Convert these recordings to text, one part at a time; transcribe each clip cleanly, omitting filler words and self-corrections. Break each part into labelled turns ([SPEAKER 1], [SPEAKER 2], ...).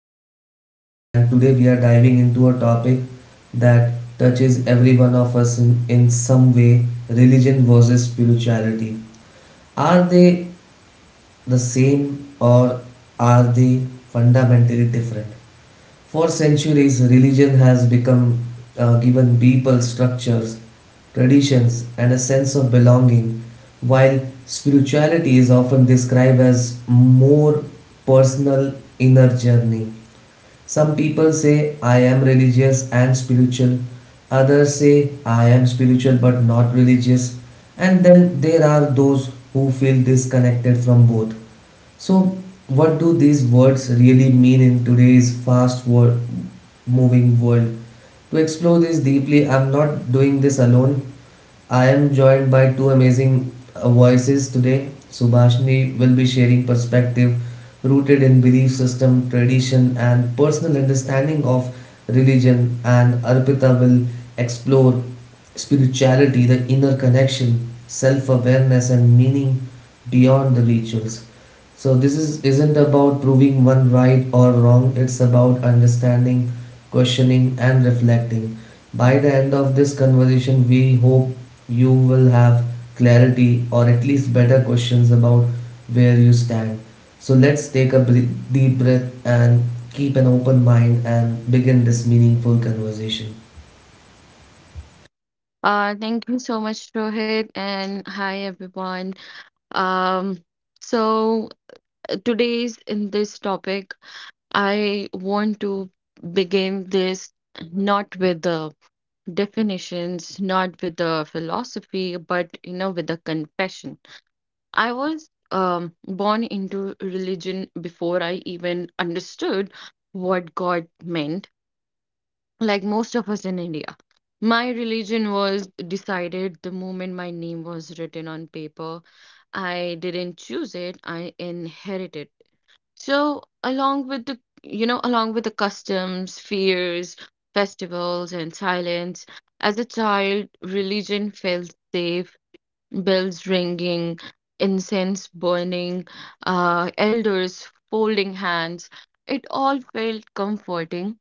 [SPEAKER 1] am your host and today we are diving into a topic that touches every one of us in some way, religion versus spirituality. Are they the same or are they fundamentally different? For centuries, religion has become given people structures, traditions, and a sense of belonging, while spirituality is often described as more personal inner journey. Some people say, I am religious and spiritual, others say, I am spiritual but not religious, and then there are those who feel disconnected from both. So, what do these words really mean in moving world? To explore this deeply, I'm not doing this alone. I am joined by two amazing voices today. Subhashini will be sharing perspective rooted in belief system, tradition, and personal understanding of religion, and Arpita will explore spirituality, the inner connection, self awareness, and meaning beyond the rituals. So this is isn't about proving one right or wrong, it's about understanding, questioning and reflecting. By the end of this conversation, we hope you will have clarity or at least better questions about where you stand. So let's take a deep breath and keep an open mind and begin this meaningful conversation.
[SPEAKER 2] Thank you so much, Rohit, and hi everyone. Um, so today's in this topic, I want to begin this not with the definitions, not with the philosophy, but with a confession. I was born into religion before I even understood what God meant, like most of us in India. My religion was decided the moment my name was written on paper. I didn't choose it, I inherited. So, along with the customs, fears, festivals, and silence, as a child, religion felt safe, bells ringing, incense burning, elders folding hands. It all felt comforting,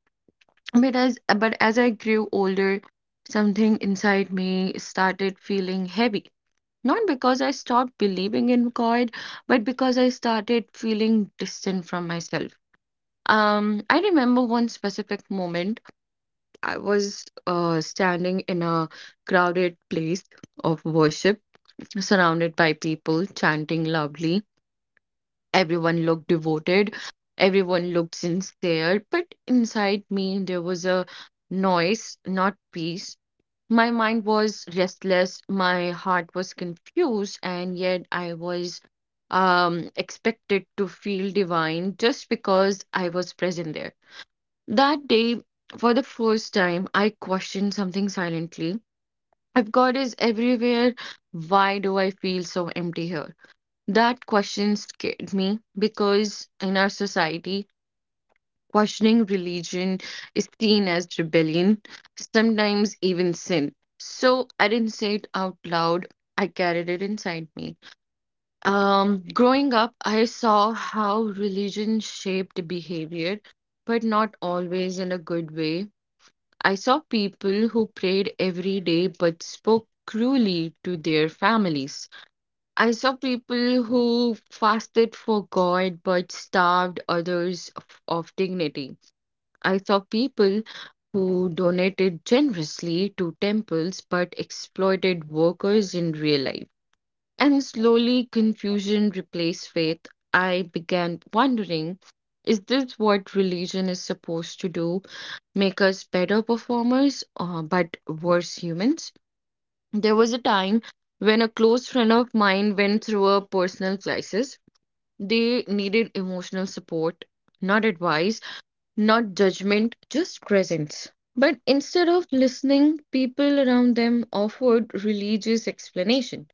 [SPEAKER 2] but as I grew older, something inside me started feeling heavy. Not because I stopped believing in God, but because I started feeling distant from myself. I remember one specific moment. I was standing in a crowded place of worship, surrounded by people chanting loudly. Everyone looked devoted, everyone looked sincere, but inside me there was a noise, not peace. My mind was restless, my heart was confused, and yet I was expected to feel divine just because I was present there. That day, for the first time, I questioned something silently. If God is everywhere, why do I feel so empty here? That question scared me because in our society, questioning religion is seen as rebellion, sometimes even sin. So I didn't say it out loud, I carried it inside me. Growing up, I saw how religion shaped behavior, but not always in a good way. I saw people who prayed every day but spoke cruelly to their families. I saw people who fasted for God but starved others of dignity. I saw people who donated generously to temples but exploited workers in real life. And slowly confusion replaced faith. I began wondering, is this what religion is supposed to do? Make us better performers, but worse humans? There was a time when a close friend of mine went through a personal crisis. They needed emotional support, not advice, not judgment, just presence. But instead of listening, people around them offered religious explanation.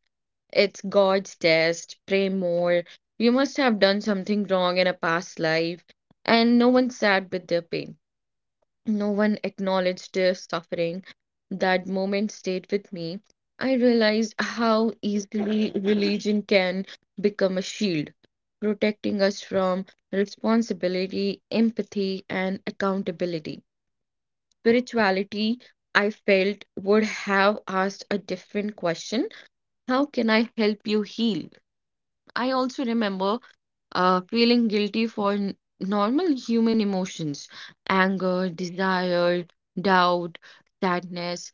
[SPEAKER 2] It's God's test, pray more, you must have done something wrong in a past life, and no one sat with their pain. No one acknowledged their suffering. That moment stayed with me. I realized how easily religion can become a shield, protecting us from responsibility, empathy, and accountability. Spirituality, I felt, would have asked a different question. How can I help you heal? I also remember feeling guilty for normal human emotions, anger, desire, doubt, sadness.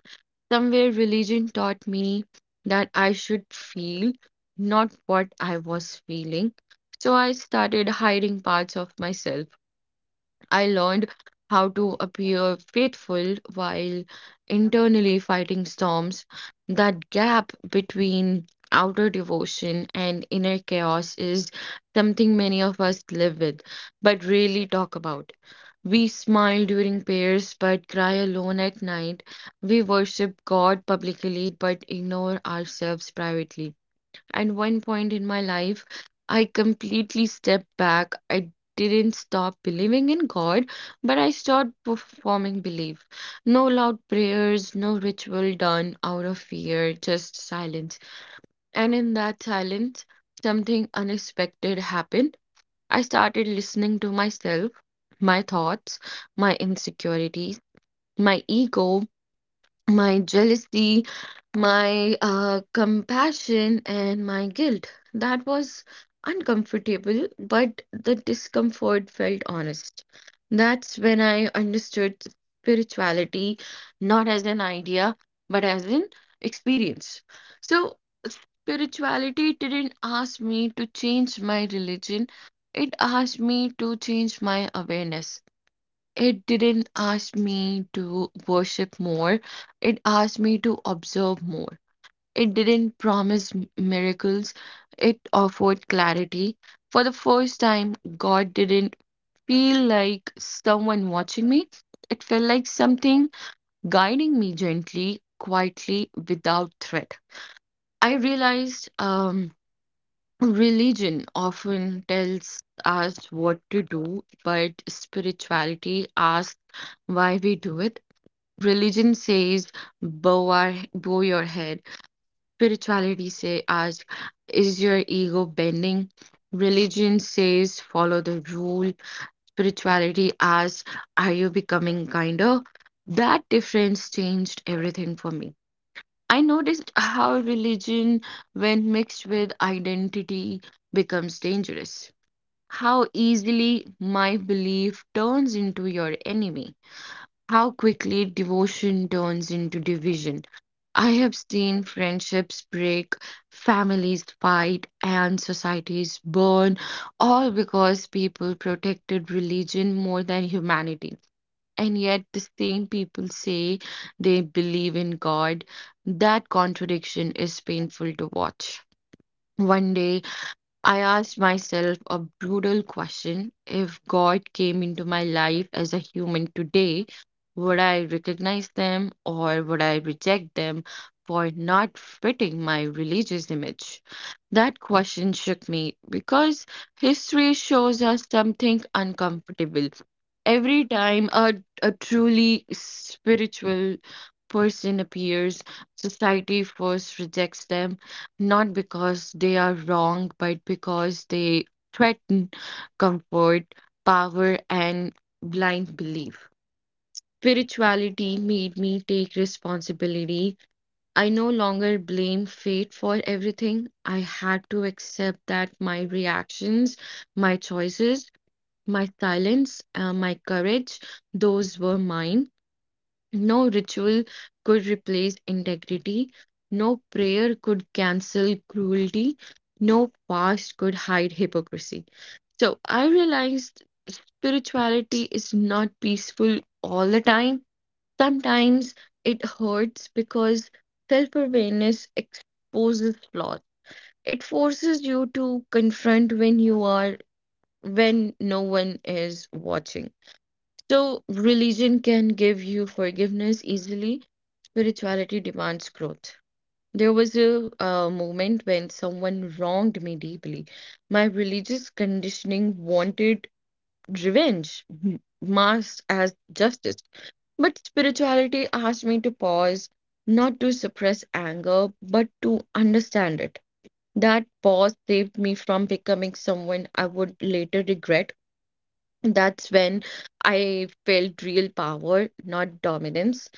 [SPEAKER 2] Somewhere religion taught me that I should feel, not what I was feeling. So I started hiding parts of myself. I learned how to appear faithful while internally fighting storms. That gap between outer devotion and inner chaos is something many of us live with, but rarely talk about. We smile during prayers, but cry alone at night. We worship God publicly, but ignore ourselves privately. At one point in my life, I completely stepped back. I didn't stop believing in God, but I stopped performing belief. No loud prayers, no ritual done out of fear, just silence. And in that silence, something unexpected happened. I started listening to myself, my thoughts, my insecurities, my ego, my jealousy, my compassion, and my guilt. That was uncomfortable, but the discomfort felt honest. That's when I understood spirituality not as an idea, but as an experience. So, spirituality didn't ask me to change my religion, it asked me to change my awareness. It didn't ask me to worship more, it asked me to observe more. It didn't promise miracles, it offered clarity. For the first time, God didn't feel like someone watching me, it felt like something guiding me gently, quietly, without threat. I realized religion often tells us what to do, but spirituality asks why we do it. Religion says, bow your head. Spirituality say, ask, is your ego bending? Religion says, follow the rule. Spirituality asks, are you becoming kinder? That difference changed everything for me. I noticed how religion, when mixed with identity, becomes dangerous. How easily my belief turns into your enemy. How quickly devotion turns into division. I have seen friendships break, families fight, and societies burn, all because people protected religion more than humanity. And yet, the same people say they believe in God. That contradiction is painful to watch. One day, I asked myself a brutal question. If God came into my life as a human today, would I recognize them, or would I reject them for not fitting my religious image? That question shook me, because history shows us something uncomfortable. Every time a truly spiritual person appears, society first rejects them, not because they are wrong, but because they threaten comfort, power, and blind belief. Spirituality made me take responsibility. I no longer blame fate for everything. I had to accept that my reactions, my choices, my silence, my courage, those were mine. No ritual could replace integrity, no prayer could cancel cruelty, no fast could hide hypocrisy. So I realized spirituality is not peaceful all the time. Sometimes it hurts, because self awareness exposes flaws. It forces you to confront when you are, when no one is watching. So, religion can give you forgiveness easily, spirituality demands growth. There was a moment when someone wronged me deeply. My religious conditioning wanted revenge, masked as justice. But spirituality asked me to pause, not to suppress anger, but to understand it. That pause saved me from becoming someone I would later regret. That's when I felt real power, not dominance,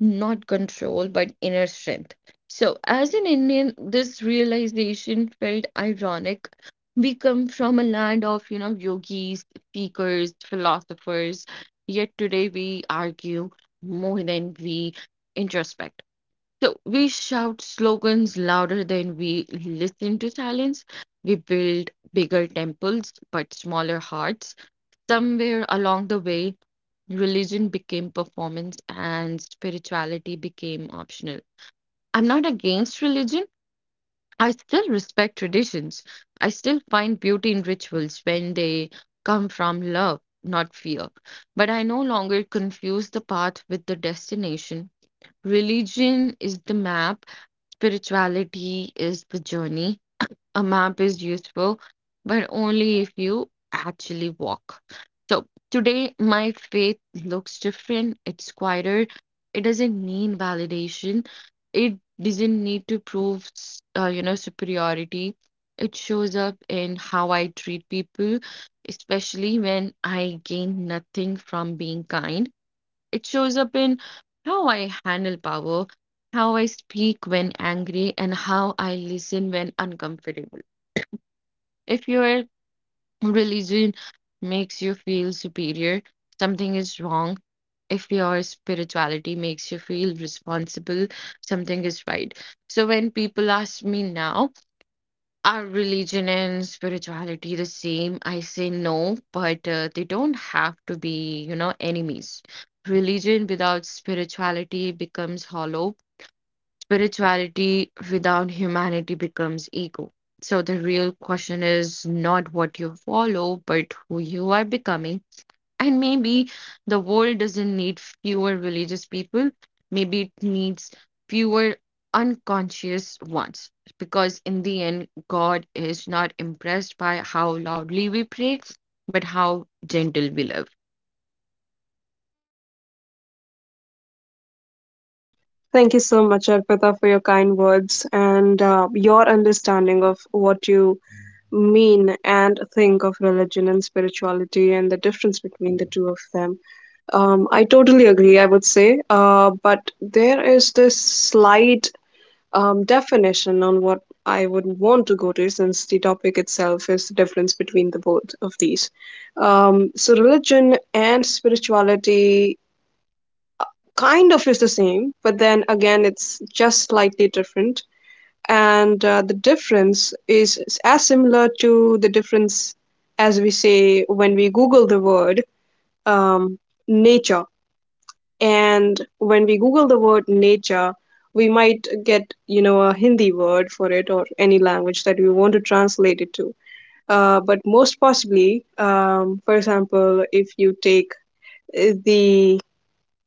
[SPEAKER 2] not control, but inner strength. So, as an Indian, this realization felt ironic. We come from a land of yogis, speakers, philosophers, yet today we argue more than we introspect. So, we shout slogans louder than we listen to silence. We build bigger temples but smaller hearts. Somewhere along the way, religion became performance and spirituality became optional. I'm not against religion. I still respect traditions. I still find beauty in rituals when they come from love, not fear. But I no longer confuse the path with the destination. Religion is the map, spirituality is the journey. A map is useful, but only if you actually walk. So today, my faith looks different. It's quieter. It doesn't need validation. It doesn't need to prove superiority. It shows up in how I treat people, especially when I gain nothing from being kind. It shows up in how I handle power, how I speak when angry, and how I listen when uncomfortable. If your religion makes you feel superior, something is wrong. If your spirituality makes you feel responsible, something is right. So when people ask me now, are religion and spirituality the same? I say no, but they don't have to be enemies. Religion without spirituality becomes hollow. Spirituality without humanity becomes ego. So the real question is not what you follow, but who you are becoming. And maybe the world doesn't need fewer religious people. Maybe it needs fewer unconscious ones. Because in the end, God is not impressed by how loudly we pray, but how gentle we live.
[SPEAKER 3] Thank you so much, Arpita, for your kind words and your understanding of what you mean and think of religion and spirituality and the difference between the two of them. I totally agree, I would say. But there is this slight definition on what I would want to go to since the topic itself is the difference between the both of these. Religion and spirituality kind of is the same, but then again, it's just slightly different. And the difference is as similar to the difference as we say when we Google the word um, nature. And when we Google the word nature, we might get, you know, a Hindi word for it or any language that we want to translate it to. But most possibly, for example, if you take the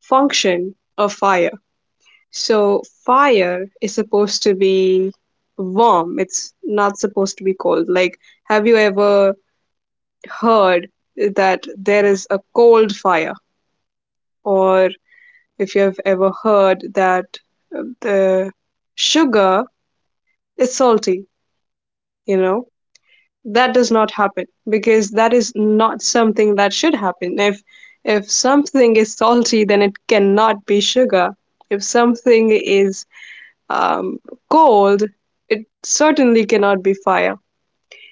[SPEAKER 3] function of fire, so fire is supposed to be warm. It's not supposed to be cold. Like, have you ever heard that there is a cold fire? Or if you have ever heard that the sugar is salty, you know? That does not happen because that is not something that should happen. If something is salty, then it cannot be sugar. If something is um, cold, it certainly cannot be fire.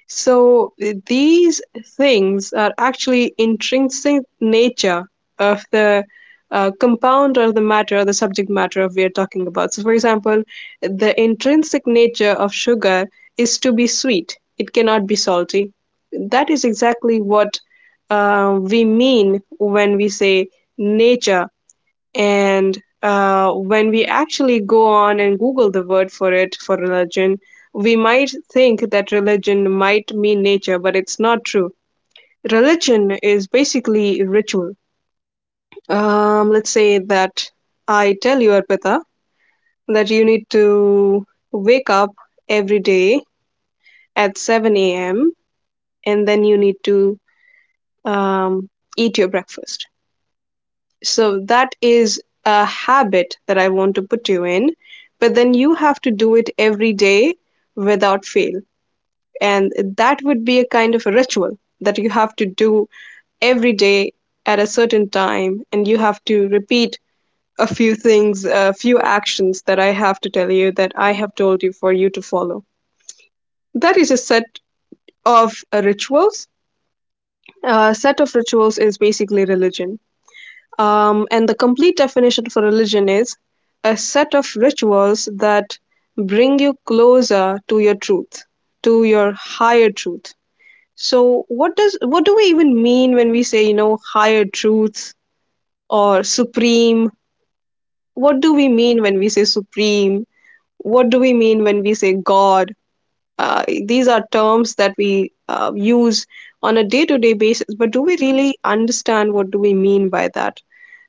[SPEAKER 3] So these things are actually intrinsic nature of the compound or the matter, the subject matter of we are talking about. So, for example, the intrinsic nature of sugar is to be sweet; it cannot be salty. That is exactly what we mean when we say nature and when we actually go on and Google the word for it, for religion, we might think that religion might mean nature, but it's not true. Religion is basically ritual. Let's say that I tell you, Arpita, that you need to wake up every day at 7 a.m. and then you need to um, eat your breakfast. So that is a habit that I want to put you in. But then you have to do it every day without fail. And that would be a kind of a ritual that you have to do every day at a certain time. And you have to repeat a few things, a few actions that I have to tell you that I have told you for you to follow. That is a set of rituals. A set of rituals is basically religion. And the complete definition for religion is a set of rituals that bring you closer to your truth, to your higher truth. So what does what do we even mean when we say, you know, higher truth or supreme? What do we mean when we say supreme? What do we mean when we say God? These are terms that we use on a day to day basis, but do we really understand what do we mean by that?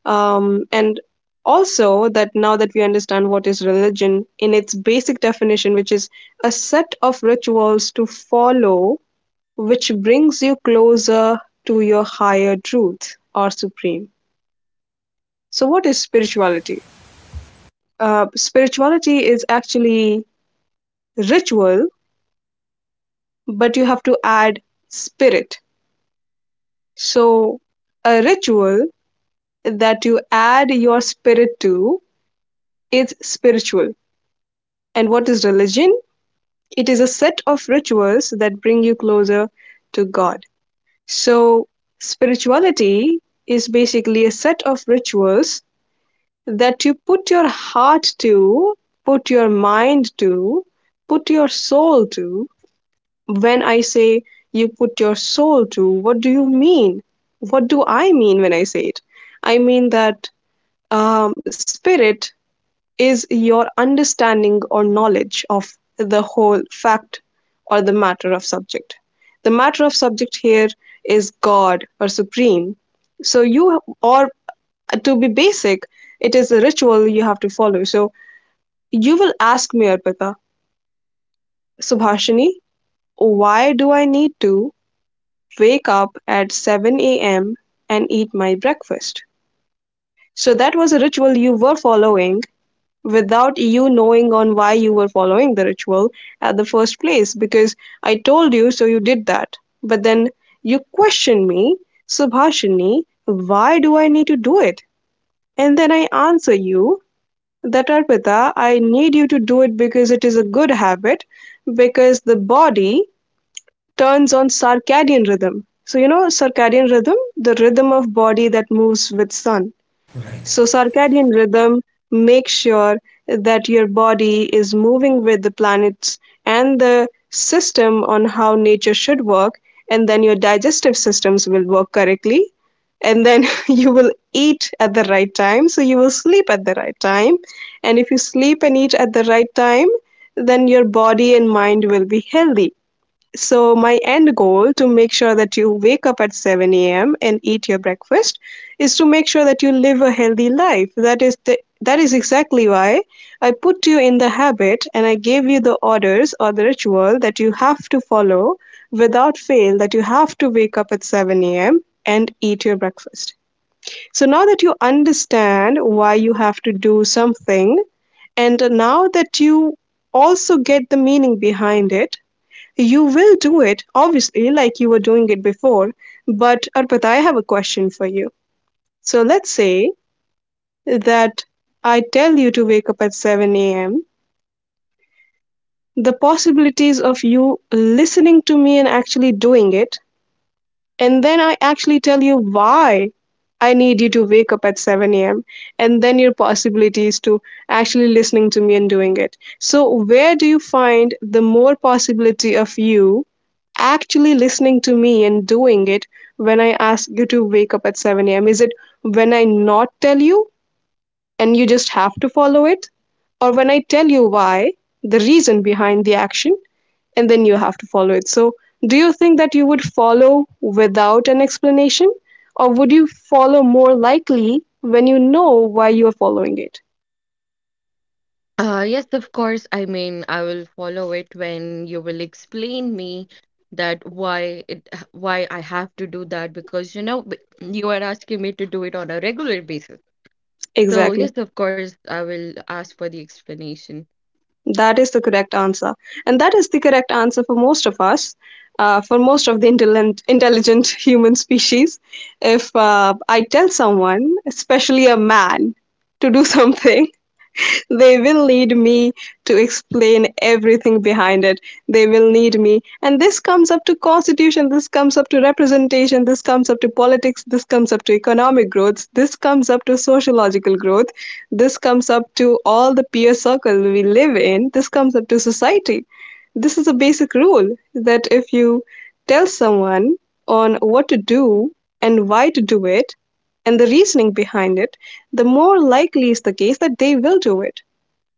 [SPEAKER 3] And also that now that we understand what is religion in its basic definition, which is a set of rituals to follow, which brings you closer to your higher truth or supreme. So, what is spirituality? Spirituality is actually ritual, but you have to add spirit. So, a ritual that you add your spirit to is spiritual. And what is religion? It is a set of rituals that bring you closer to God. So, spirituality is basically a set of rituals that you put your heart to, put your mind to, put your soul to. When I say you put your soul to, what do you mean? What do I mean when I say it? I mean that spirit is your understanding or knowledge of the whole fact or the matter of subject. The matter of subject here is God or Supreme. So, you, or to be basic, it is a ritual you have to follow. So, you will ask me, Arpita, Subhashini, why do I need to wake up at 7 a.m. and eat my breakfast? So, that was a ritual you were following without you knowing on why you were following the ritual at the first place because I told you so you did that. But then you question me, Subhashini, why do I need to do it? And then I answer you that Arpita, I need you to do it because it is a good habit because the body turns on circadian rhythm. So you know circadian rhythm, the rhythm of body that moves with sun.
[SPEAKER 1] Right.
[SPEAKER 3] So, circadian rhythm makes sure that your body is moving with the planets and the system on how nature should work, and then your digestive systems will work correctly. And then you will eat at the right time, so you will sleep at the right time. And if you sleep and eat at the right time, then your body and mind will be healthy. So my end goal to make sure that you wake up at 7 a.m. and eat your breakfast is to make sure that you live a healthy life. That is the that is exactly why I put you in the habit and I gave you the orders or the ritual that you have to follow without fail that you have to wake up at 7 a.m. and eat your breakfast. So now that you understand why you have to do something and now that you also get the meaning behind it you will do it, obviously, like you were doing it before. But Arpita, I have a question for you. So let's say that I tell you to wake up at 7 a.m. The possibilities of you listening to me and actually doing it. And then I actually tell you why I need you to wake up at 7 a.m. And then your possibilities to actually listening to me and doing it. So, where do you find the more possibility of you actually listening to me and doing it when I ask you to wake up at 7 a.m.? Is it when I not tell you and you just have to follow it? Or when I tell you why, the reason behind the action? And then you have to follow it. So, do you think that you would follow without an explanation, or would you follow more likely when you know why you are following it?
[SPEAKER 2] Yes, of course. I mean, I will follow it when you will explain me that why I have to do that, because you are asking me to do it on a regular basis. So
[SPEAKER 3] Exactly.
[SPEAKER 2] yes, of course, I will ask for the explanation.
[SPEAKER 3] That is the correct answer. And that is the correct answer for most of us, for most of the intelligent, intelligent human species. If I tell someone, especially a man, to do something, they will need me to explain everything behind it. They will need me. And this comes up to constitution, this comes up to representation, this comes up to politics, this comes up to economic growth, this comes up to sociological growth, this comes up to all the peer circle we live in, this comes up to society. This is a basic rule that if you tell someone on what to do and why to do it and the reasoning behind it, the more likely is the case that they will do it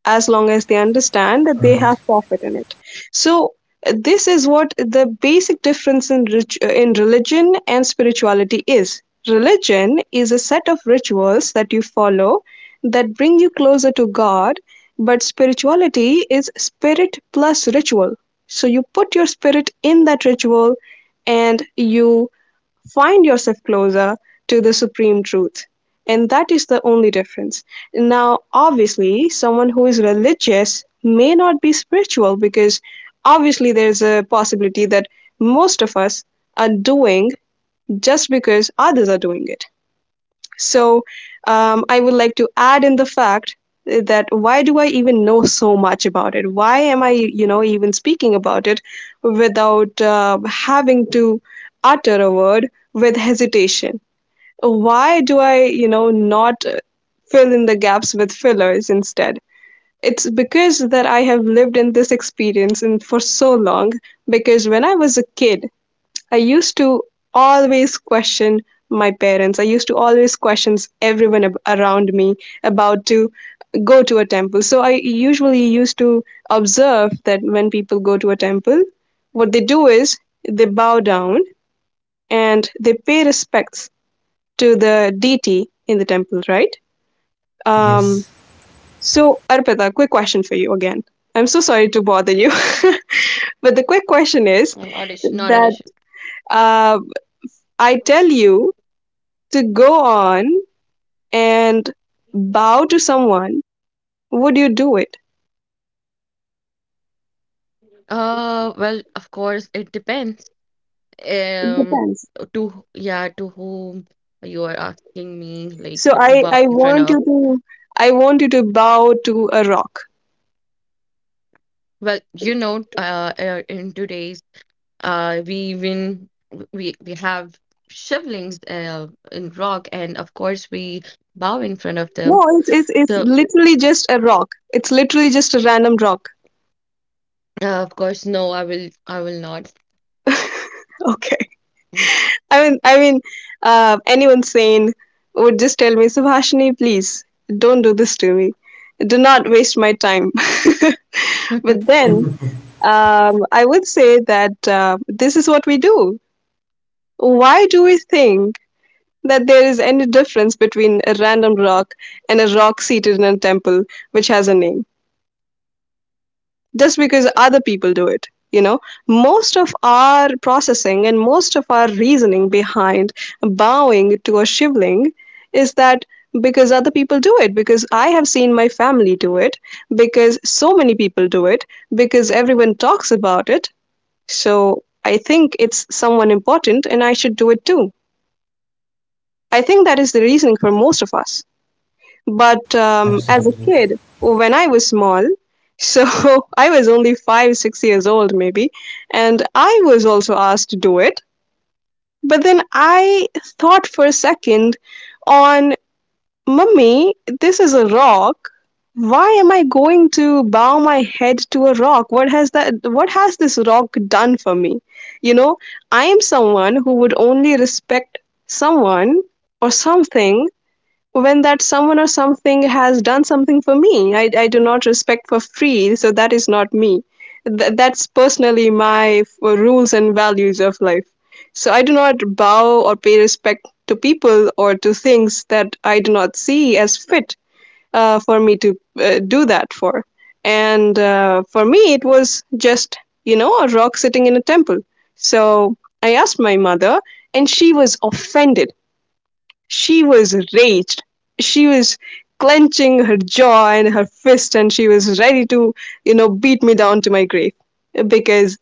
[SPEAKER 3] as long as they understand that they
[SPEAKER 1] Right.
[SPEAKER 3] have profit in it. So this is what the basic difference in in religion and spirituality is. Religion is a set of rituals that you follow that bring you closer to God, but spirituality is spirit plus ritual. So you put your spirit in that ritual and you find yourself closer to the supreme truth. And that is the only difference. Now, obviously, someone who is religious may not be spiritual because obviously there's a possibility that most of us are doing just because others are doing it. So I would like to add in the fact that why do I even know so much about it? Why am I, you know, even speaking about it without having to utter a word with hesitation? Why do I, you know, not fill in the gaps with fillers instead? It's because that I have lived in this experience and for so long. Because when I was a kid, I used to always question my parents. I used to always question everyone around me about to go to a temple. So I usually used to observe that when people go to a temple, what they do is they bow down and they pay respects to the deity in the temple, right?
[SPEAKER 1] Yes.
[SPEAKER 3] Um, so, Arpita, quick question for you again. I'm so sorry to bother you. But the quick question is
[SPEAKER 2] Not issue, not an
[SPEAKER 3] that
[SPEAKER 2] issue.
[SPEAKER 3] uh, I tell you to go on and bow to someone, would you do it?
[SPEAKER 2] Well, of course, it depends.
[SPEAKER 3] It
[SPEAKER 2] Um,
[SPEAKER 3] depends.
[SPEAKER 2] to yeah, to whom you are asking me like
[SPEAKER 3] So
[SPEAKER 2] to
[SPEAKER 3] I,
[SPEAKER 2] bow
[SPEAKER 3] I
[SPEAKER 2] in front
[SPEAKER 3] want
[SPEAKER 2] of.
[SPEAKER 3] you to I want you to bow to a rock.
[SPEAKER 2] Well, you know, in today's. We even we have shivlings in rock, and of course we bow in front of
[SPEAKER 3] No,
[SPEAKER 2] them.
[SPEAKER 3] it's
[SPEAKER 2] So
[SPEAKER 3] literally just a rock. It's literally just a random rock.
[SPEAKER 2] of course, no, I will not.
[SPEAKER 3] Okay. I mean, anyone sane would just tell me, Subhashini, please don't do this to me. Do not waste my time. but then um, I would say that this is what we do. Why do we think that there is any difference between a random rock and a rock seated in a temple which has a name? Just because other people do it. You know, most of our processing and most of our reasoning behind bowing to a shivling is that because other people do it, because I have seen my family do it, because so many people do it, because everyone talks about it. So I think it's someone important and I should do it too. I think that is the reasoning for most of us. But as a
[SPEAKER 1] Absolutely.
[SPEAKER 3] kid, when I was small, so I was only 5, 6 years old, maybe, and I was also asked to do it. But then I thought for a second on, Mummy, this is a rock. Why am I going to bow my head to a rock? What has that? What has this rock done for me? You know, I am someone who would only respect someone or something when that someone or something has done something for me, I do not respect for free, so that is not me. That's personally my rules and values of life, so I do not bow or pay respect to people or to things that I do not see as fit for me to do that for. And for me it was just, you know, a rock sitting in a temple. So I asked my mother, and she was offended. She was raged. She was clenching her jaw and her fist, and she was ready to, you know, beat me down to my grave because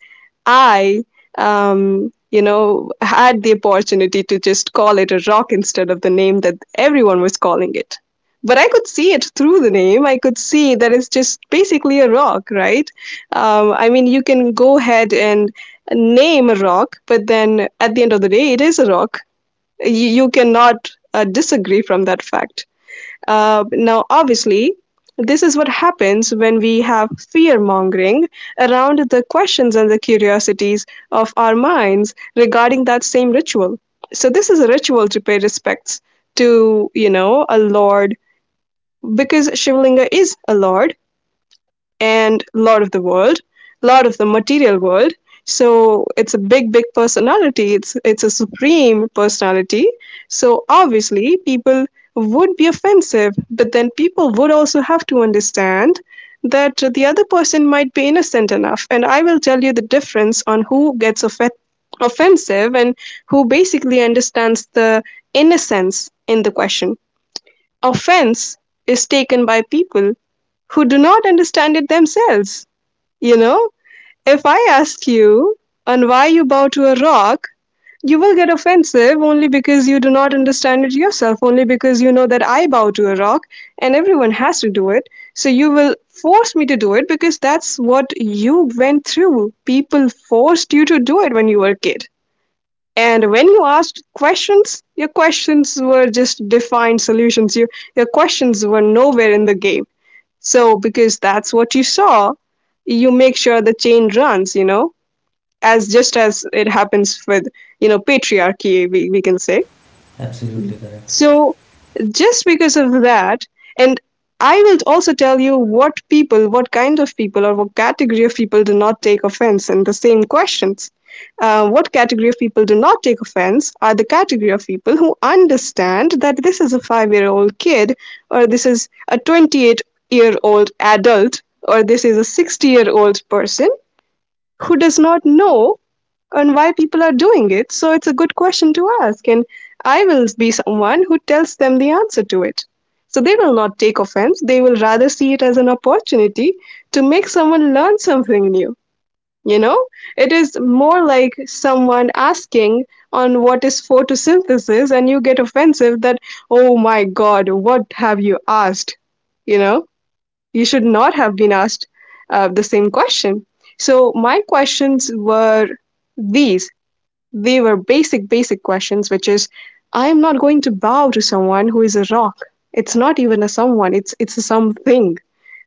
[SPEAKER 3] I, you know, had the opportunity to just call it a rock instead of the name that everyone was calling it. But I could see it through the name. I could see that it's just basically a rock, right? I mean, you can go ahead and name a rock, but then at the end of the day, it is a rock. You cannot disagree from that fact. Now, obviously, this is what happens when we have fear mongering around the questions and the curiosities of our minds regarding that same ritual. So, this is a ritual to pay respects to, you know, a lord, because Shivlinga is a lord and a lot of the world, a lot of the material world. So it's a big, big personality. It's a supreme personality. So obviously, people would be offensive, but then people would also have to understand that the other person might be innocent enough. And I will tell you the difference on who gets offended, offensive, and who basically understands the innocence in the question. Offense is taken by people who do not understand it themselves. You know, if I ask you on why you bow to a rock, you will get offensive only because you do not understand it yourself, only because you know that I bow to a rock and everyone has to do it. So you will force me to do it because that's what you went through. People forced you to do it when you were a kid. And when you asked questions, your questions were just defined solutions. Your questions were nowhere in the game. So, because that's what you saw, you make sure the chain runs, you know, as just as it happens with, you know, patriarchy, we can say.
[SPEAKER 1] Absolutely correct.
[SPEAKER 3] So, just because of that, and I will also tell you what people, what kind of people, or what category of people do not take offense in the same questions. What category of people do not take offense are the category of people who understand that this is a 5-year old kid, or this is a 28-year-old adult, or this is a 60-year-old person who does not know on why people are doing it. So it's a good question to ask, and I will be someone who tells them the answer to it. So they will not take offense; they will rather see it as an opportunity to make someone learn something new. You know, it is more like someone asking on what is photosynthesis, and you get offensive that, oh my god, what have you asked? You know, you should not have been asked the same question. So, my questions were these, they were basic, basic questions, which is, I am not going to bow to someone who is a rock. It's not even a someone, it's a something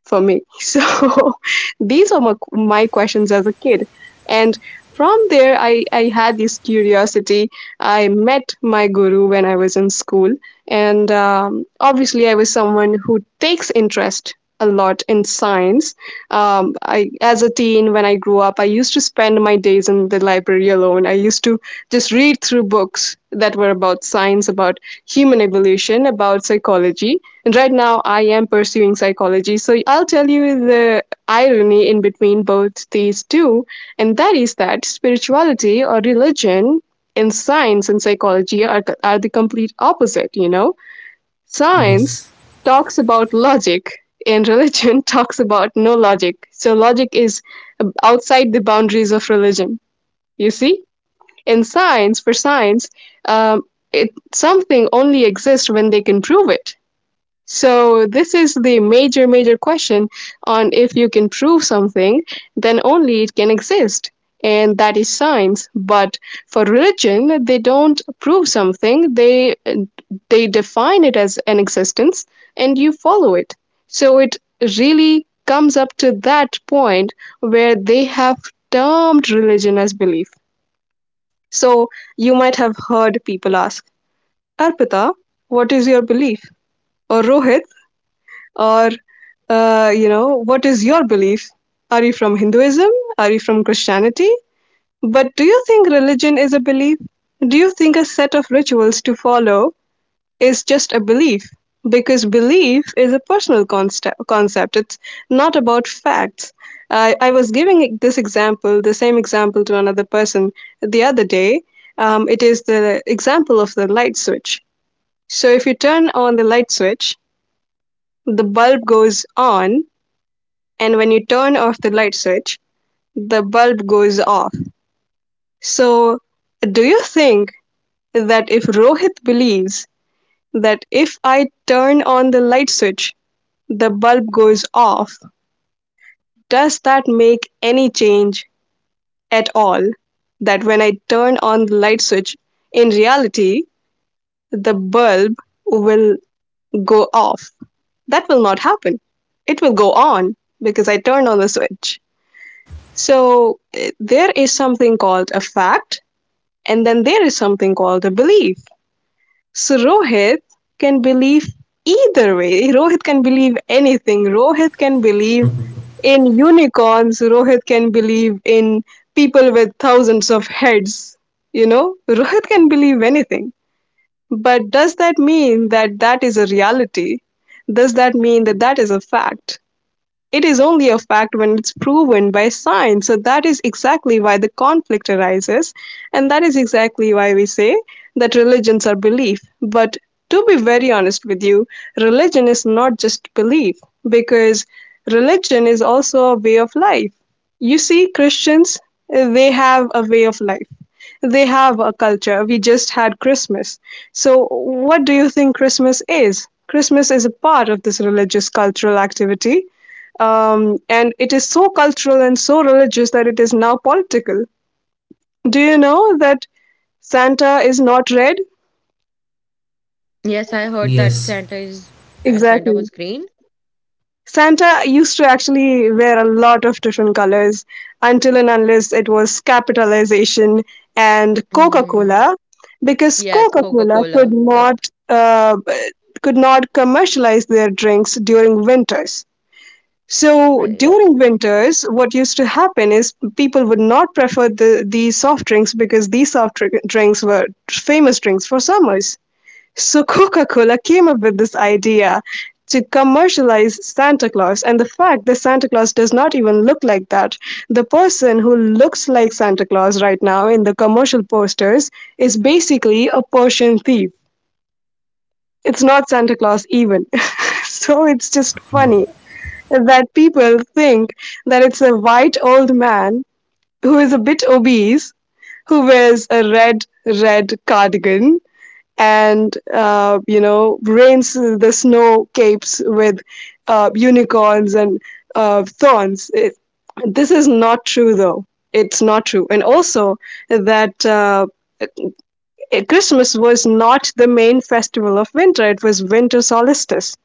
[SPEAKER 3] for me. So these are my questions as a kid. And from there, I had this curiosity. I met my guru when I was in school. And obviously, I was someone who takes interest a lot in science. I, as a teen, when I grew up, I used to spend my days in the library alone. I used to just read through books that were about science, about human evolution, about psychology. And right now, I am pursuing psychology. So I'll tell you the irony in between both these two, and that is that spirituality or religion in science and psychology are the complete opposite, you know?
[SPEAKER 1] Yes.
[SPEAKER 3] Science talks about logic, and religion talks about no logic. So, logic is outside the boundaries of religion, you see? In science, for science, um, it, something only exists when they can prove it. So this is the major, major question on if you can prove something, then only it can exist. And that is science. But for religion, they don't prove something. They define it as an existence and you follow it. So it really comes up to that point where they have termed religion as belief. So you might have heard people ask, Arpita, what is your belief? Or Rohit, or you know, what is your belief? Are you from hinduism? Are you from christianity? But do you think religion is a belief? Do you think a set of rituals to follow is just a belief? Because belief is a personal consta concept. It's not about facts. I was giving this example, the same example, to another person the other day. It is the example of the light switch. So if you turn on the light switch, the bulb goes on, and when you turn off the light switch, the bulb goes off. So, do you think that if Rohit believes that if I turn on the light switch, the bulb goes off, does that make any change at all? That when I turn on the light switch, in reality, the bulb will go off? That will not happen. It will go on because I turned on the switch. So there is something called a fact, and then there is something called a belief. So Rohit can believe either way. Rohit can believe anything. Rohit can believe in unicorns. Rohit can believe in people with thousands of heads. You know, Rohit can believe anything. But does that mean that that is a reality? Does that mean that that is a fact? It is only a fact when it's proven by science. So that is exactly why the conflict arises. And that is exactly why we say that religions are belief. But to be very honest with you, religion is not just belief because religion is also a way of life. You see, Christians, they have a way of life. They have a culture. We just had Christmas. So, what do you think Christmas is? Christmas is a part of this religious cultural activity, and it is so cultural and so religious that it is now political. Do you know that Santa is not red?
[SPEAKER 2] Yes, I heard
[SPEAKER 1] Yes.
[SPEAKER 2] that Santa is uh, Santa
[SPEAKER 3] Exactly.
[SPEAKER 2] was green.
[SPEAKER 3] Santa used to actually wear a lot of different colors until and unless it was capitalization and Coca
[SPEAKER 2] Mm,
[SPEAKER 3] Cola, because
[SPEAKER 2] yes,
[SPEAKER 3] Coca Cola
[SPEAKER 2] Coca-Cola. Yep,
[SPEAKER 3] uh, could not commercialize their drinks during winters. So
[SPEAKER 2] right.
[SPEAKER 3] during winters, what used to happen is people would not prefer the these soft drinks because these drinks were famous drinks for summers. So Coca-Cola came up with this idea to commercialize Santa Claus, and the fact that Santa Claus does not even look like that. The person who looks like Santa Claus right now in the commercial posters is basically a Persian thief. It's not Santa Claus even. So it's just funny that people think that it's a white old man who is a bit obese, who wears a red, red cardigan and, you know, rains the snow capes with unicorns and thorns. It, this is not true, though. It's not true. And also, that Christmas was not the main festival of winter, it was winter solstice.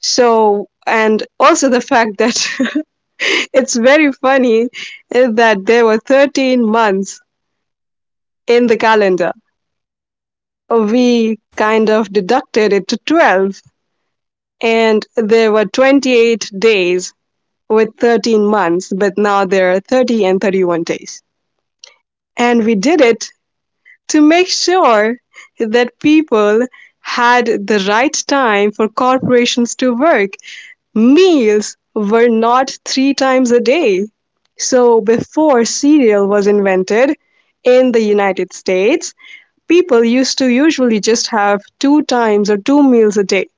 [SPEAKER 3] So, and also the fact that it's very funny that there were 13 months in the calendar. We kind of deducted it to 12, and there were 28 days with 13 months, but now there are 30 and 31 days. And we did it to make sure that people had the right time for corporations to work. Meals were not 3 times a day. So, before cereal was invented in the United States, people used to usually just have 2 times or 2 meals a day.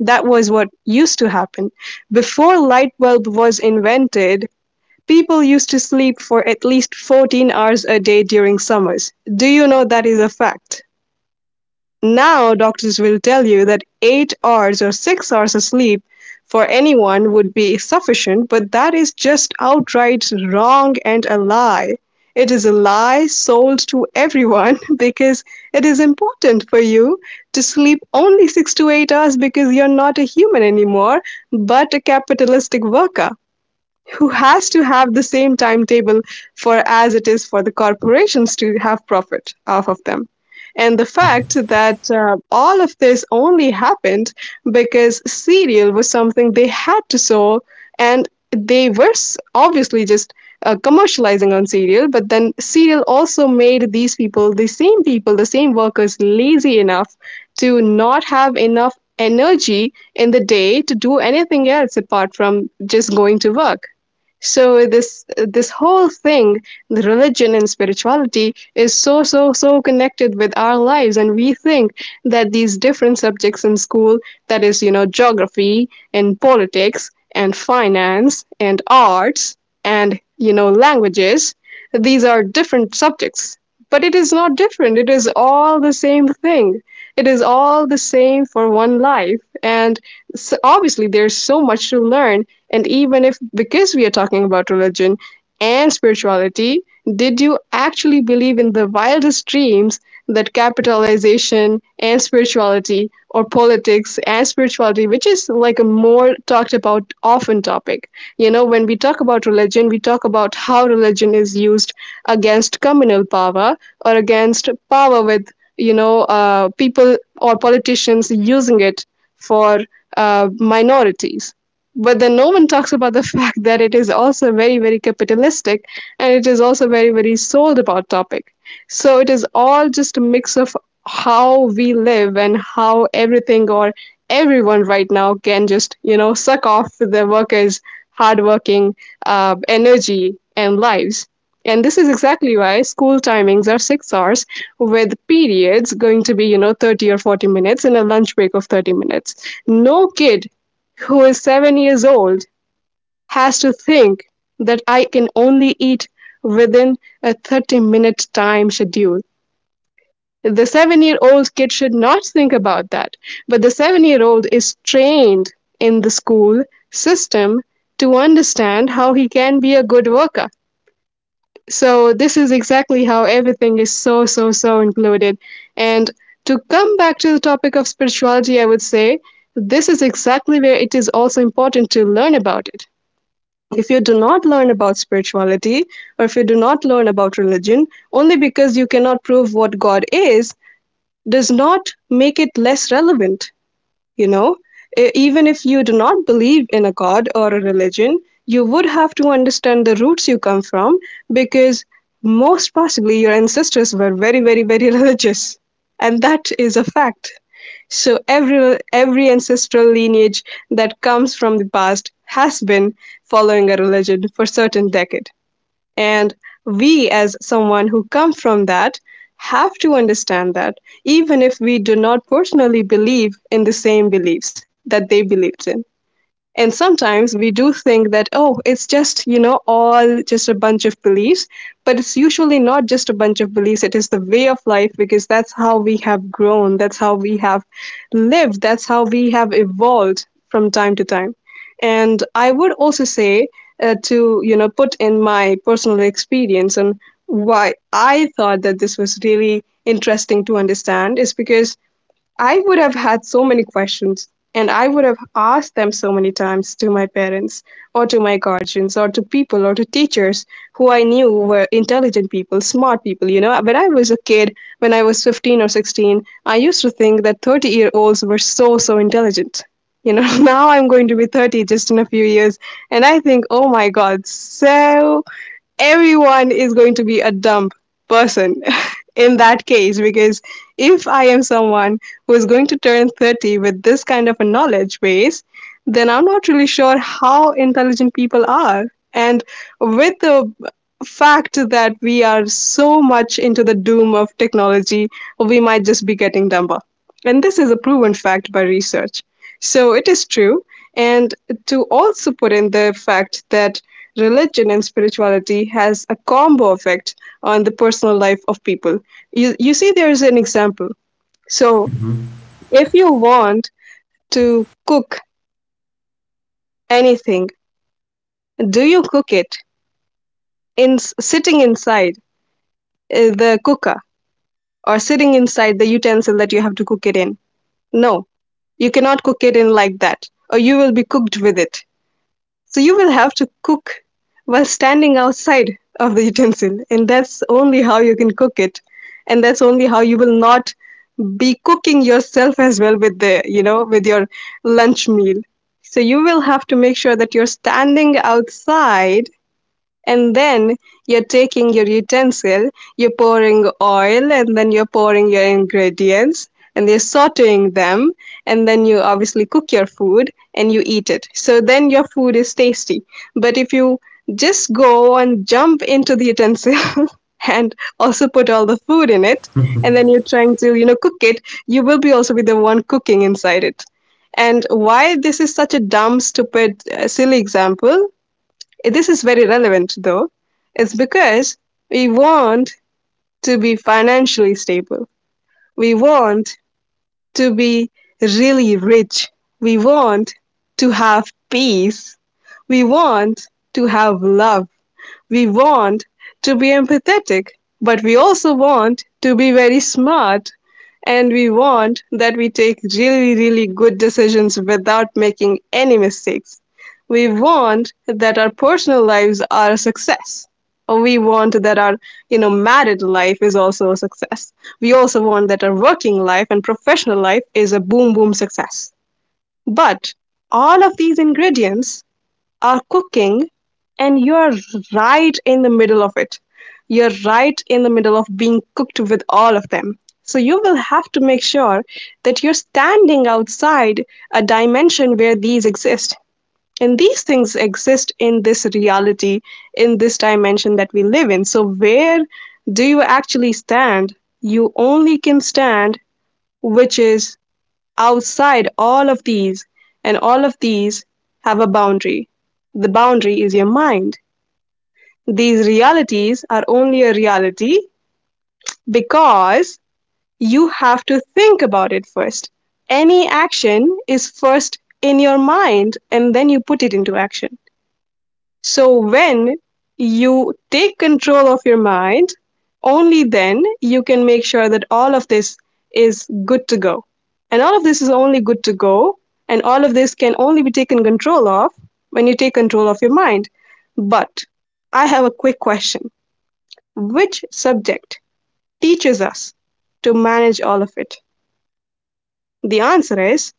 [SPEAKER 3] That was what used to happen. Before light bulb was invented, people used to sleep for at least 14 hours a day during summers. Do you know that is a fact? Now, doctors will tell you that 8 hours or 6 hours of sleep for anyone would be sufficient, but that is just outright wrong and a lie. It is a lie sold to everyone because it is important for you to sleep only 6 to 8 hours because you're not a human anymore, but a capitalistic worker who has to have the same timetable for as it is for the corporations to have profit off of them. And the fact that all of this only happened because cereal was something they had to sow, and they were obviously just commercializing on cereal, but then cereal also made these people, the same workers, lazy enough to not have enough energy in the day to do anything else apart from just going to work. So this whole thing, the religion and spirituality, is so connected with our lives, and we think that these different subjects in school, that is, you know, geography and politics and finance and arts and, you know, languages, these are different subjects, but it is not different. It is all the same thing. It is all the same for one life. And s obviously, there's so much to learn. And even if, because we are talking about religion and spirituality, did you actually believe in the wildest dreams that capitalization and spirituality or politics and spirituality, which is like a more talked about often topic? You know, when we talk about religion, we talk about how religion is used against communal power or against power with, you know, people or politicians using it for minorities. But then no one talks about the fact that it is also very, very capitalistic, and it is also very, very sold about topic. So it is all just a mix of how we live and how everything, or everyone right now can just, you know, suck off the workers' hardworking energy and lives. And this is exactly why school timings are 6 hours with periods going to be, you know, 30 or 40 minutes and a lunch break of 30 minutes. No kid who is 7 years old has to think that I can only eat within a 30-minute time schedule. The 7 year old kid should not think about that. But the 7 year old is trained in the school system to understand how he can be a good worker. So, this is exactly how everything is so included. And to come back to the topic of spirituality, I would say this is exactly where it is also important to learn about it. If you do not learn about spirituality or if you do not learn about religion, only because you cannot prove what God is, does not make it less relevant, you know. Even if you do not believe in a god or a religion, you would have to understand the roots you come from, because most possibly your ancestors were very religious, and that is a fact. So every ancestral lineage that comes from the past has been following a religion for certain decade. And we, as someone who come from that, have to understand that, even if we do not personally believe in the same beliefs that they believed in. And sometimes we do think that, oh, it's just, you know, all just a bunch of beliefs. But it's usually not just a bunch of beliefs. It is the way of life because that's how we have grown. That's how we have lived. That's how we have evolved from time to time. And I would also say, to, you know, put in my personal experience and why I thought that this was really interesting to understand is because I would have had so many questions, and I would have asked them so many times to my parents or to my guardians or to people or to teachers who I knew were intelligent people, smart people. You know, when I was a kid, when I was 15 or 16, I used to think that 30-year-olds were so, so intelligent. You know, now I'm going to be 30 just in a few years, and I think, oh my God, so everyone is going to be a dumb person in that case, because if I am someone who is going to turn 30 with this kind of a knowledge base, then I'm not really sure how intelligent people are. And with the fact that we are so much into the doom of technology, we might just be getting dumber, and this is a proven fact by research, so it is true. And to also put in the fact that religion and spirituality has a combo effect on the personal life of people. You see, there's an example. So,
[SPEAKER 1] Mm-hmm.
[SPEAKER 3] if you want to cook anything, do you cook it in sitting inside the cooker, or sitting inside the utensil that you have to cook it in? No, you cannot cook it in like that, or you will be cooked with it. So you will have to cook while standing outside of the utensil, and that's only how you can cook it, and that's only how you will not be cooking yourself as well with the, you know, with your lunch meal. So you will have to make sure that you're standing outside, and then you're taking your utensil, you're pouring oil, and then you're pouring your ingredients, and you're sauteing them, and then you obviously cook your food and you eat it. So then your food is tasty. But if you just go and jump into the utensil and also put all the food in it, and then you're trying to, you know, cook it, you will be also be the one cooking inside it. And why this is such a dumb, stupid, silly example, this is very relevant though. It's because we want to be financially stable. We want to be really rich. We want to have peace. We want to have love. We want to be empathetic, but we also want to be very smart. And we want that we take really, really good decisions without making any mistakes. We want that our personal lives are a success. We want that our, you know, married life is also a success. We also want that our working life and professional life is a boom boom success. But all of these ingredients are cooking, and you're right in the middle of it. You're right in the middle of being cooked with all of them. So you will have to make sure that you're standing outside a dimension where these exist. And these things exist in this reality, in this dimension that we live in. So where do you actually stand? You only can stand, which is outside all of these, and all of these have a boundary. The boundary is your mind. These realities are only a reality
[SPEAKER 1] Absolutely,
[SPEAKER 3] because
[SPEAKER 1] Subhashini.
[SPEAKER 3] you have to
[SPEAKER 1] Thank you
[SPEAKER 3] think
[SPEAKER 1] so
[SPEAKER 3] about it
[SPEAKER 1] much
[SPEAKER 3] first.
[SPEAKER 1] uh,
[SPEAKER 3] Any action is first in your
[SPEAKER 1] for your
[SPEAKER 3] mind,
[SPEAKER 1] valuable
[SPEAKER 3] and then you put
[SPEAKER 1] thoughts.
[SPEAKER 3] it into action. So, when you take control of your mind, only then you can make sure that all of this is good to go. And all of this is only good to go, and all of this can only be taken control of when you take control of your mind. But I have a quick question. Which subject teaches us to manage all of it? The answer is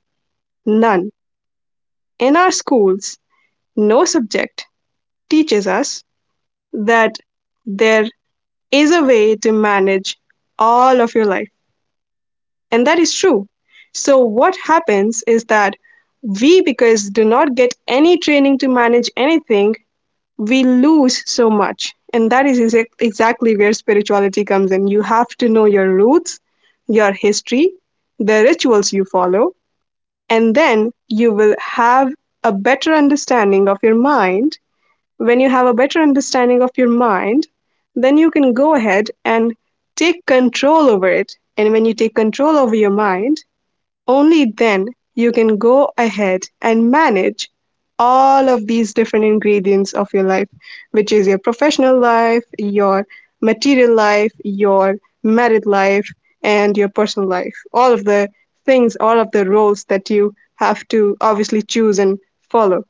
[SPEAKER 3] none. In our schools, no subject teaches us that there is a way to manage all of your life. And that is true. So, what happens is that we, because do not get any training to manage anything, we lose so much. And that is exactly where spirituality comes in. You have to know your roots, your history, the rituals you follow, and then you will have a better understanding of your mind. When you have a better understanding of your mind, then you can go ahead and take control over it. And when you take control over your mind, only then you can go ahead and manage all of these different ingredients of your life, which is your professional life, your material life, your married life, and your personal life. All of the things, all of the roles that you have to obviously choose and follow.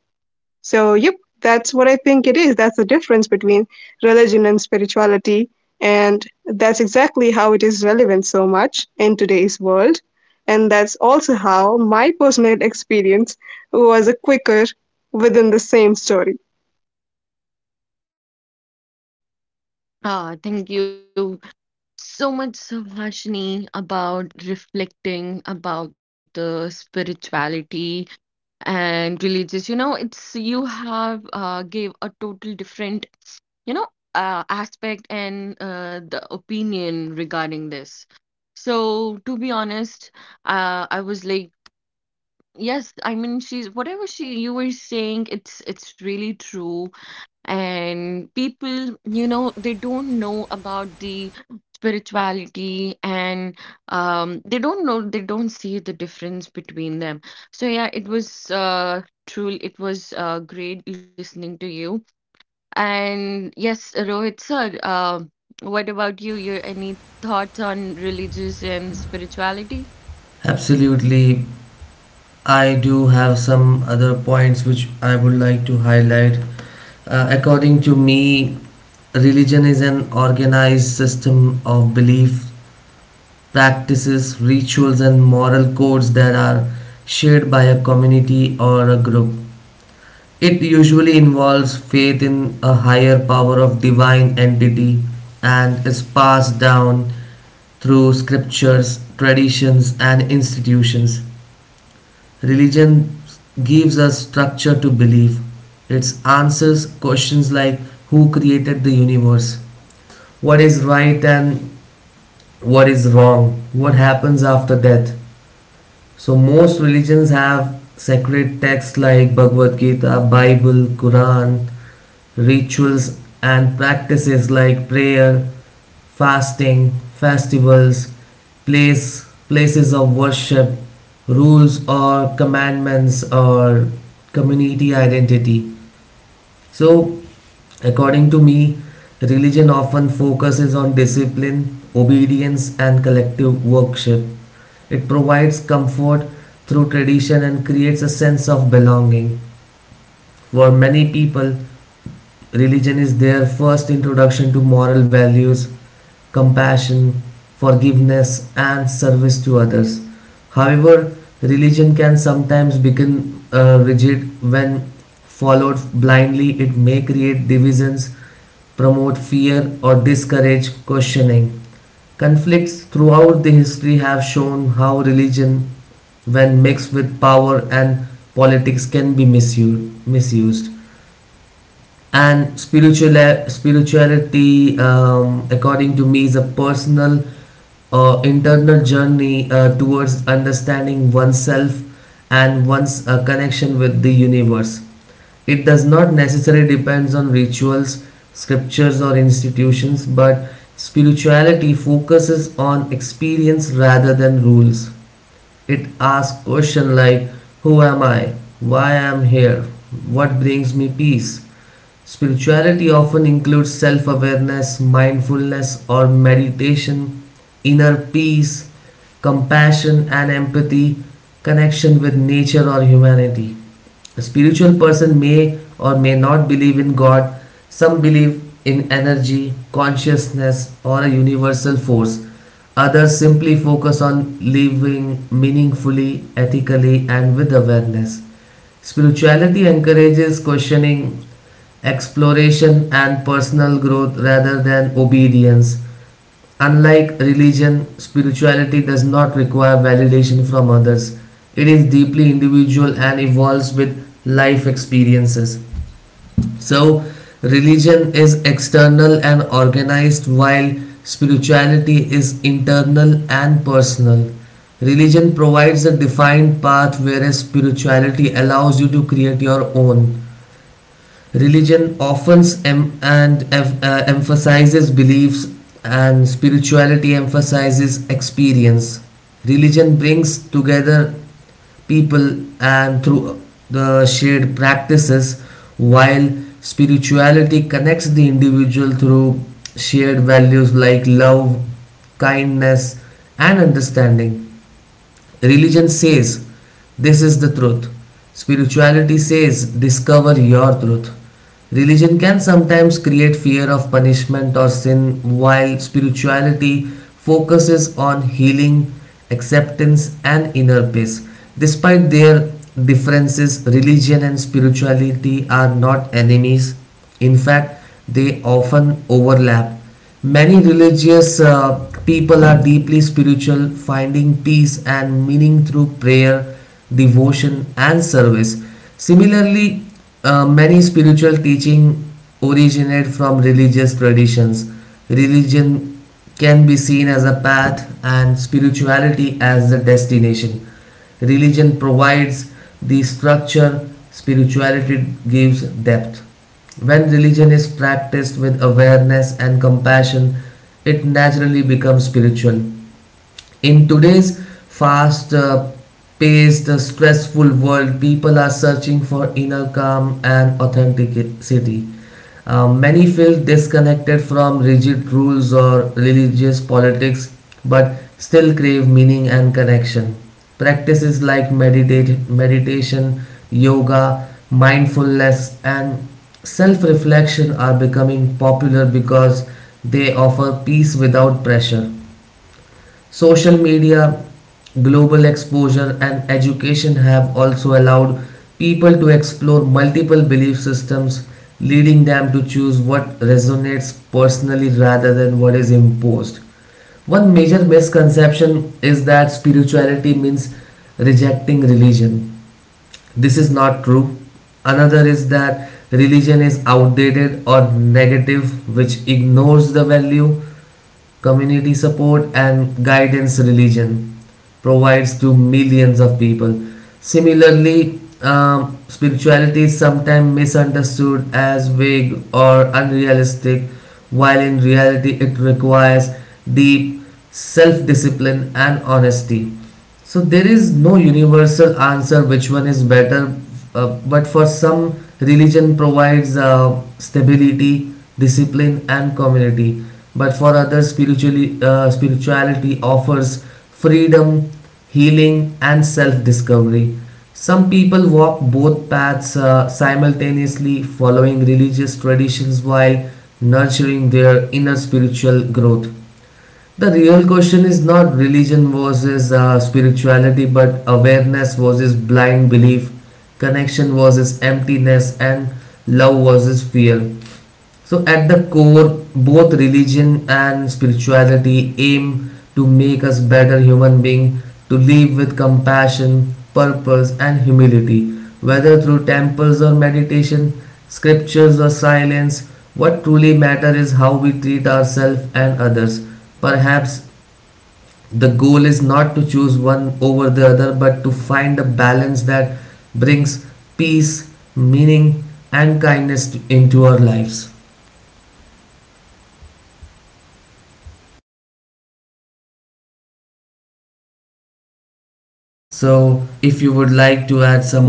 [SPEAKER 3] So, yep, that's what I think it is. That's the difference between religion and spirituality. And that's exactly how it is relevant so much in today's world. And that's also how my personal experience was a quicker within the same story.
[SPEAKER 2] Ah, thank you so much, Subhashini, about reflecting about the spirituality and religious, it's, you have gave a total different, you know aspect and the opinion regarding this. So to be honest, I was like, yes, I mean, she's whatever she you were saying, it's really true. And people, they don't know about the spirituality, and they don't know, they don't see the difference between them. So yeah, it was truly, it was great listening to you. And yes, Rohit sir, what about you? Your any thoughts on religious and spirituality?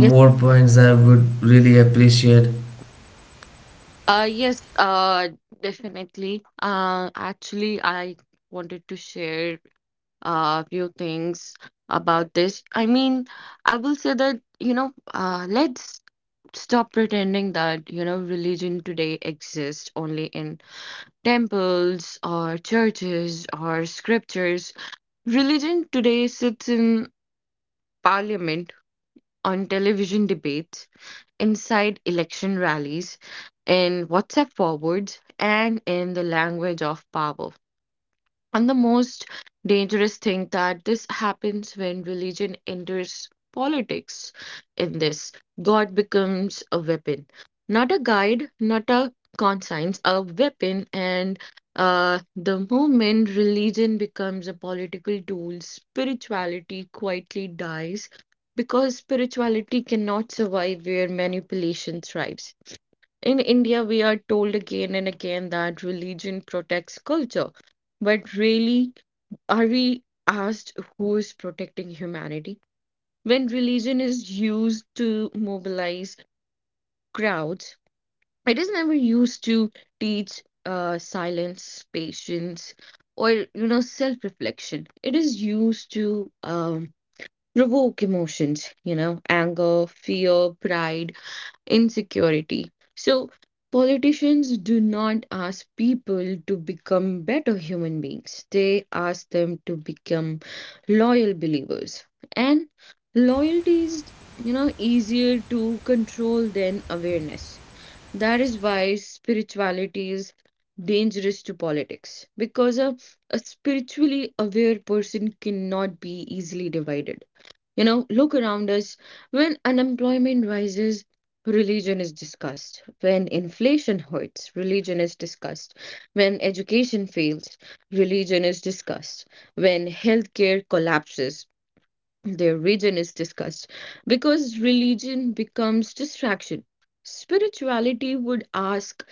[SPEAKER 2] Yes yes definitely Actually, I wanted to share a few things about this. I mean, I will say that, let's stop pretending that, religion today exists only in temples or churches or scriptures. Religion today sits in parliament, on television debates, inside election rallies, in WhatsApp forwards, and in the language of power. And the most dangerous thing that this happens when religion enters politics in this. God becomes a weapon, not a guide, not a conscience, a weapon. And the moment religion becomes a political tool, spirituality quietly dies because spirituality cannot survive where manipulation thrives. In India, we are told again and again that religion protects culture, but really, are we asked who is protecting humanity? When religion is used to mobilize crowds, it is never used to teach silence, patience, or you know, self-reflection. It is used to provoke emotions, you know, anger, fear, pride insecurity. So, politicians do not ask people to become better human beings, they ask them to become loyal believers. And loyalty is, you know, easier to control than awareness. That is why spirituality is dangerous to politics because a spiritually aware person cannot be easily divided. You know, look around us. When unemployment rises, religion is discussed. When inflation hurts, religion is discussed. When education fails, religion is discussed. When healthcare collapses, their region is discussed because religion becomes distraction spirituality would ask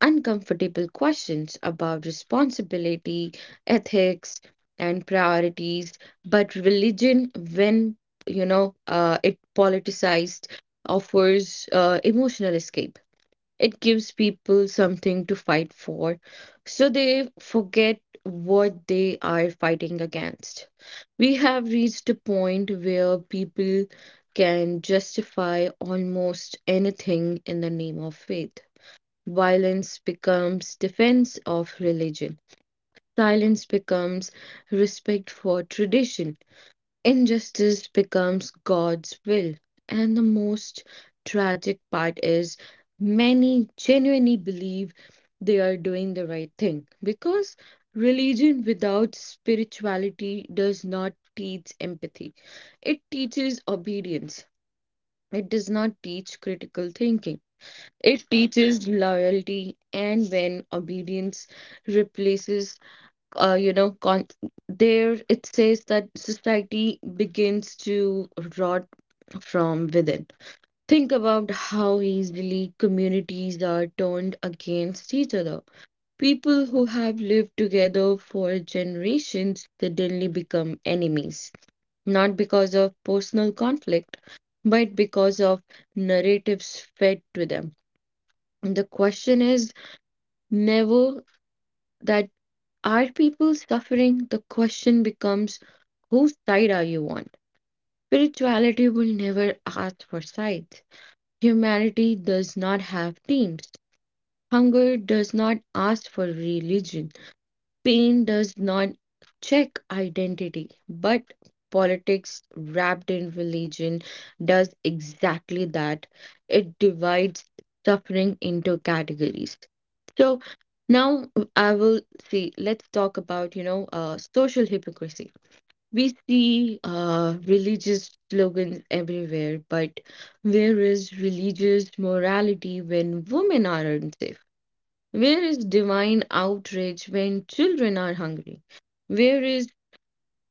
[SPEAKER 2] uncomfortable questions about responsibility ethics and priorities but religion when it politicized offers emotional escape it gives people something to fight for, so they forget what they are fighting against. We have reached a point where people can justify almost anything in the name of faith. Violence becomes defense of religion. Silence becomes respect for tradition. Injustice becomes God's will, and the most tragic part is many genuinely believe they are doing the right thing because religion without spirituality does not teach empathy. It teaches obedience. It does not teach critical thinking. It teaches loyalty, and when obedience replaces uh, you know, con- there it says that society begins to rot from within. Think about how easily communities are turned against each other. People who have lived together for generations suddenly become enemies, not because of personal conflict, but because of narratives fed to them. And the question is never that are people suffering? The question becomes whose side are you on? Spirituality will never ask for sides. Humanity does not have teams. Hunger does not ask for religion. Pain does not check identity, but politics wrapped in religion does exactly that. It divides suffering into categories. So now I will see, let's talk about, you know, social hypocrisy. We see religious slogans everywhere, but where is religious morality when women are unsafe? Where is divine outrage when children are hungry? Where is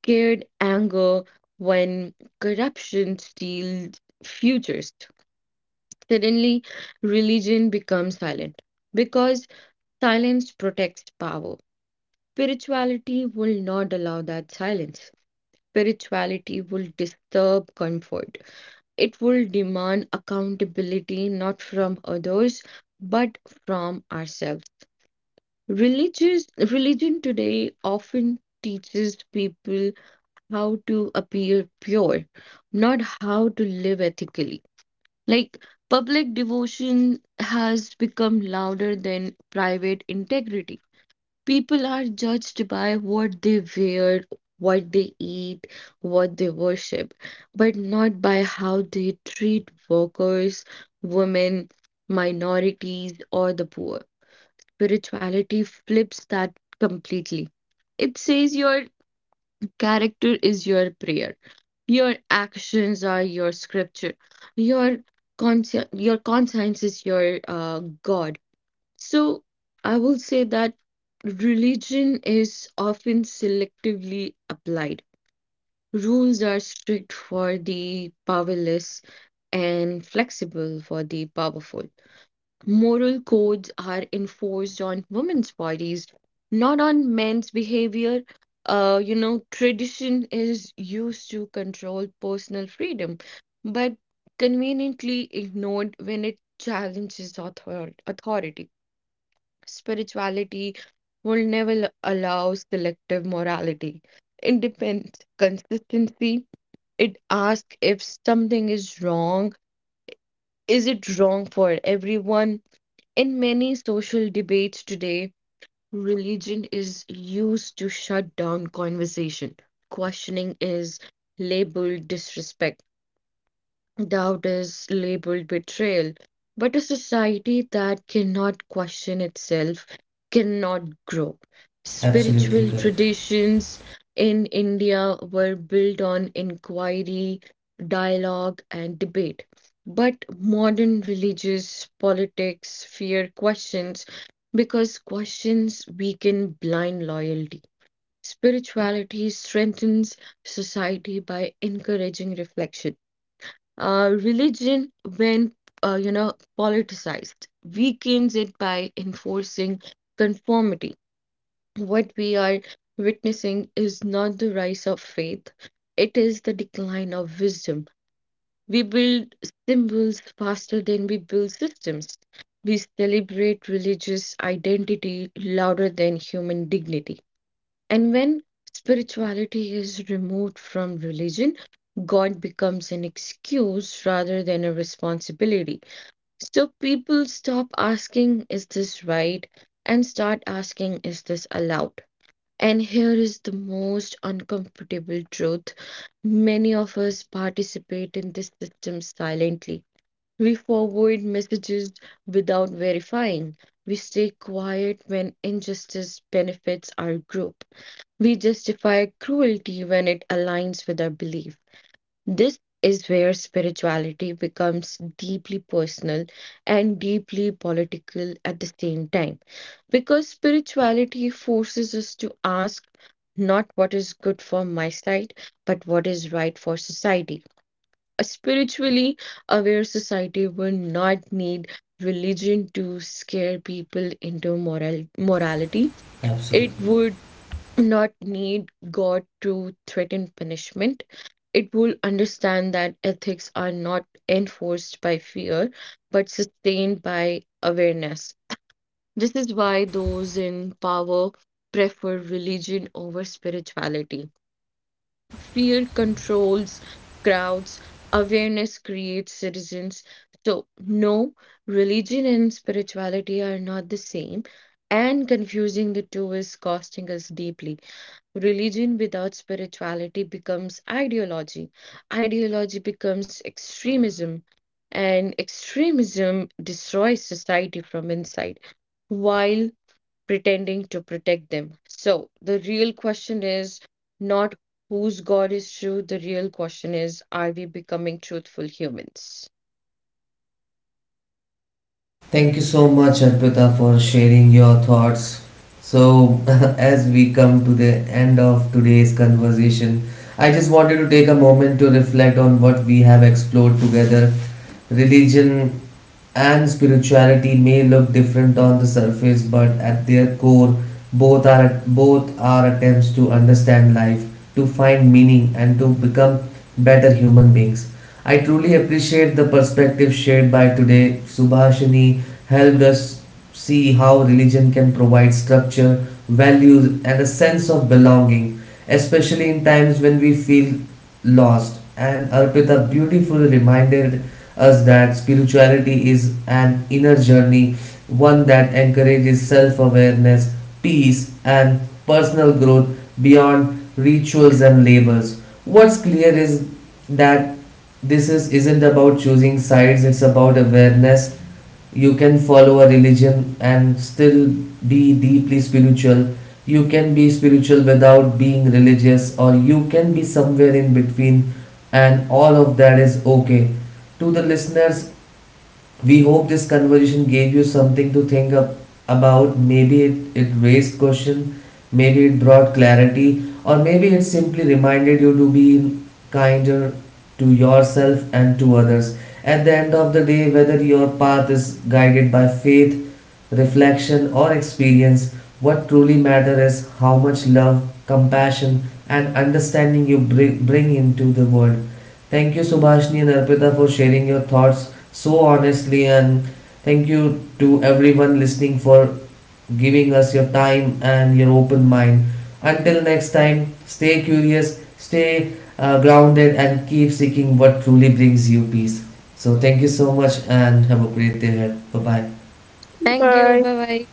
[SPEAKER 2] scared anger when corruption steals futures? Suddenly, religion becomes silent because silence protects power. Spirituality will not allow that silence. Spirituality will disturb comfort. It will demand accountability not from others but from ourselves. Religious Religion today often teaches people how to appear pure, not how to live ethically. Like public devotion has become louder than private integrity. People are judged by what they wear, what they eat, what they worship, but not by how they treat workers, women, minorities, or the poor spirituality flips that completely. It says your character is your prayer, your actions are your scripture, your your conscience is your God. So I will say that religion is often selectively applied. Rules are strict for the powerless and flexible for the powerful. Moral codes are enforced on women's bodies, not on men's behavior. You know, tradition is used to control personal freedom, but conveniently ignored when it challenges authority. Spirituality will never allow selective morality. It depends consistency. It asks if something is wrong, is it wrong for everyone? In many social debates today, religion is used to shut down conversation. Questioning is labeled disrespect. Doubt is labeled betrayal, but a society that cannot question itself cannot grow. Spiritual traditions in India were built on inquiry, dialogue, and debate. But modern religious politics fear questions because questions weaken blind loyalty. Spirituality strengthens society by encouraging reflection. Religion, when politicized, weakens it by enforcing conformity. What we are witnessing is not the rise of faith; it is the decline of wisdom. We build symbols faster than we build systems. We celebrate religious identity louder than human dignity. And when spirituality is removed from religion, God becomes an excuse rather than a responsibility. So people stop asking, is this right? And start asking, is this allowed? And here is the most uncomfortable truth. Many of us participate in this system silently. We forward messages without verifying. We stay quiet when injustice benefits our group. We justify cruelty when it aligns with our belief. This is where spirituality becomes deeply personal and deeply political at the same time. Because spirituality forces us to ask not what is good for my side, but what is right for society. A spiritually aware society will not need religion to scare people into morality. It would not need God to threaten punishment. It will understand that ethics are not enforced by fear, but sustained by awareness. This is why those in power prefer religion over spirituality. Fear controls crowds, awareness creates citizens. So, no, religion and spirituality are not the same, and confusing the two is costing us deeply. Religion without spirituality becomes ideology. Ideology becomes extremism. And extremism destroys society from inside while pretending to protect them. So, the real question is not whose God is true, the real question is are we becoming truthful humans? Thank you. Bye bye.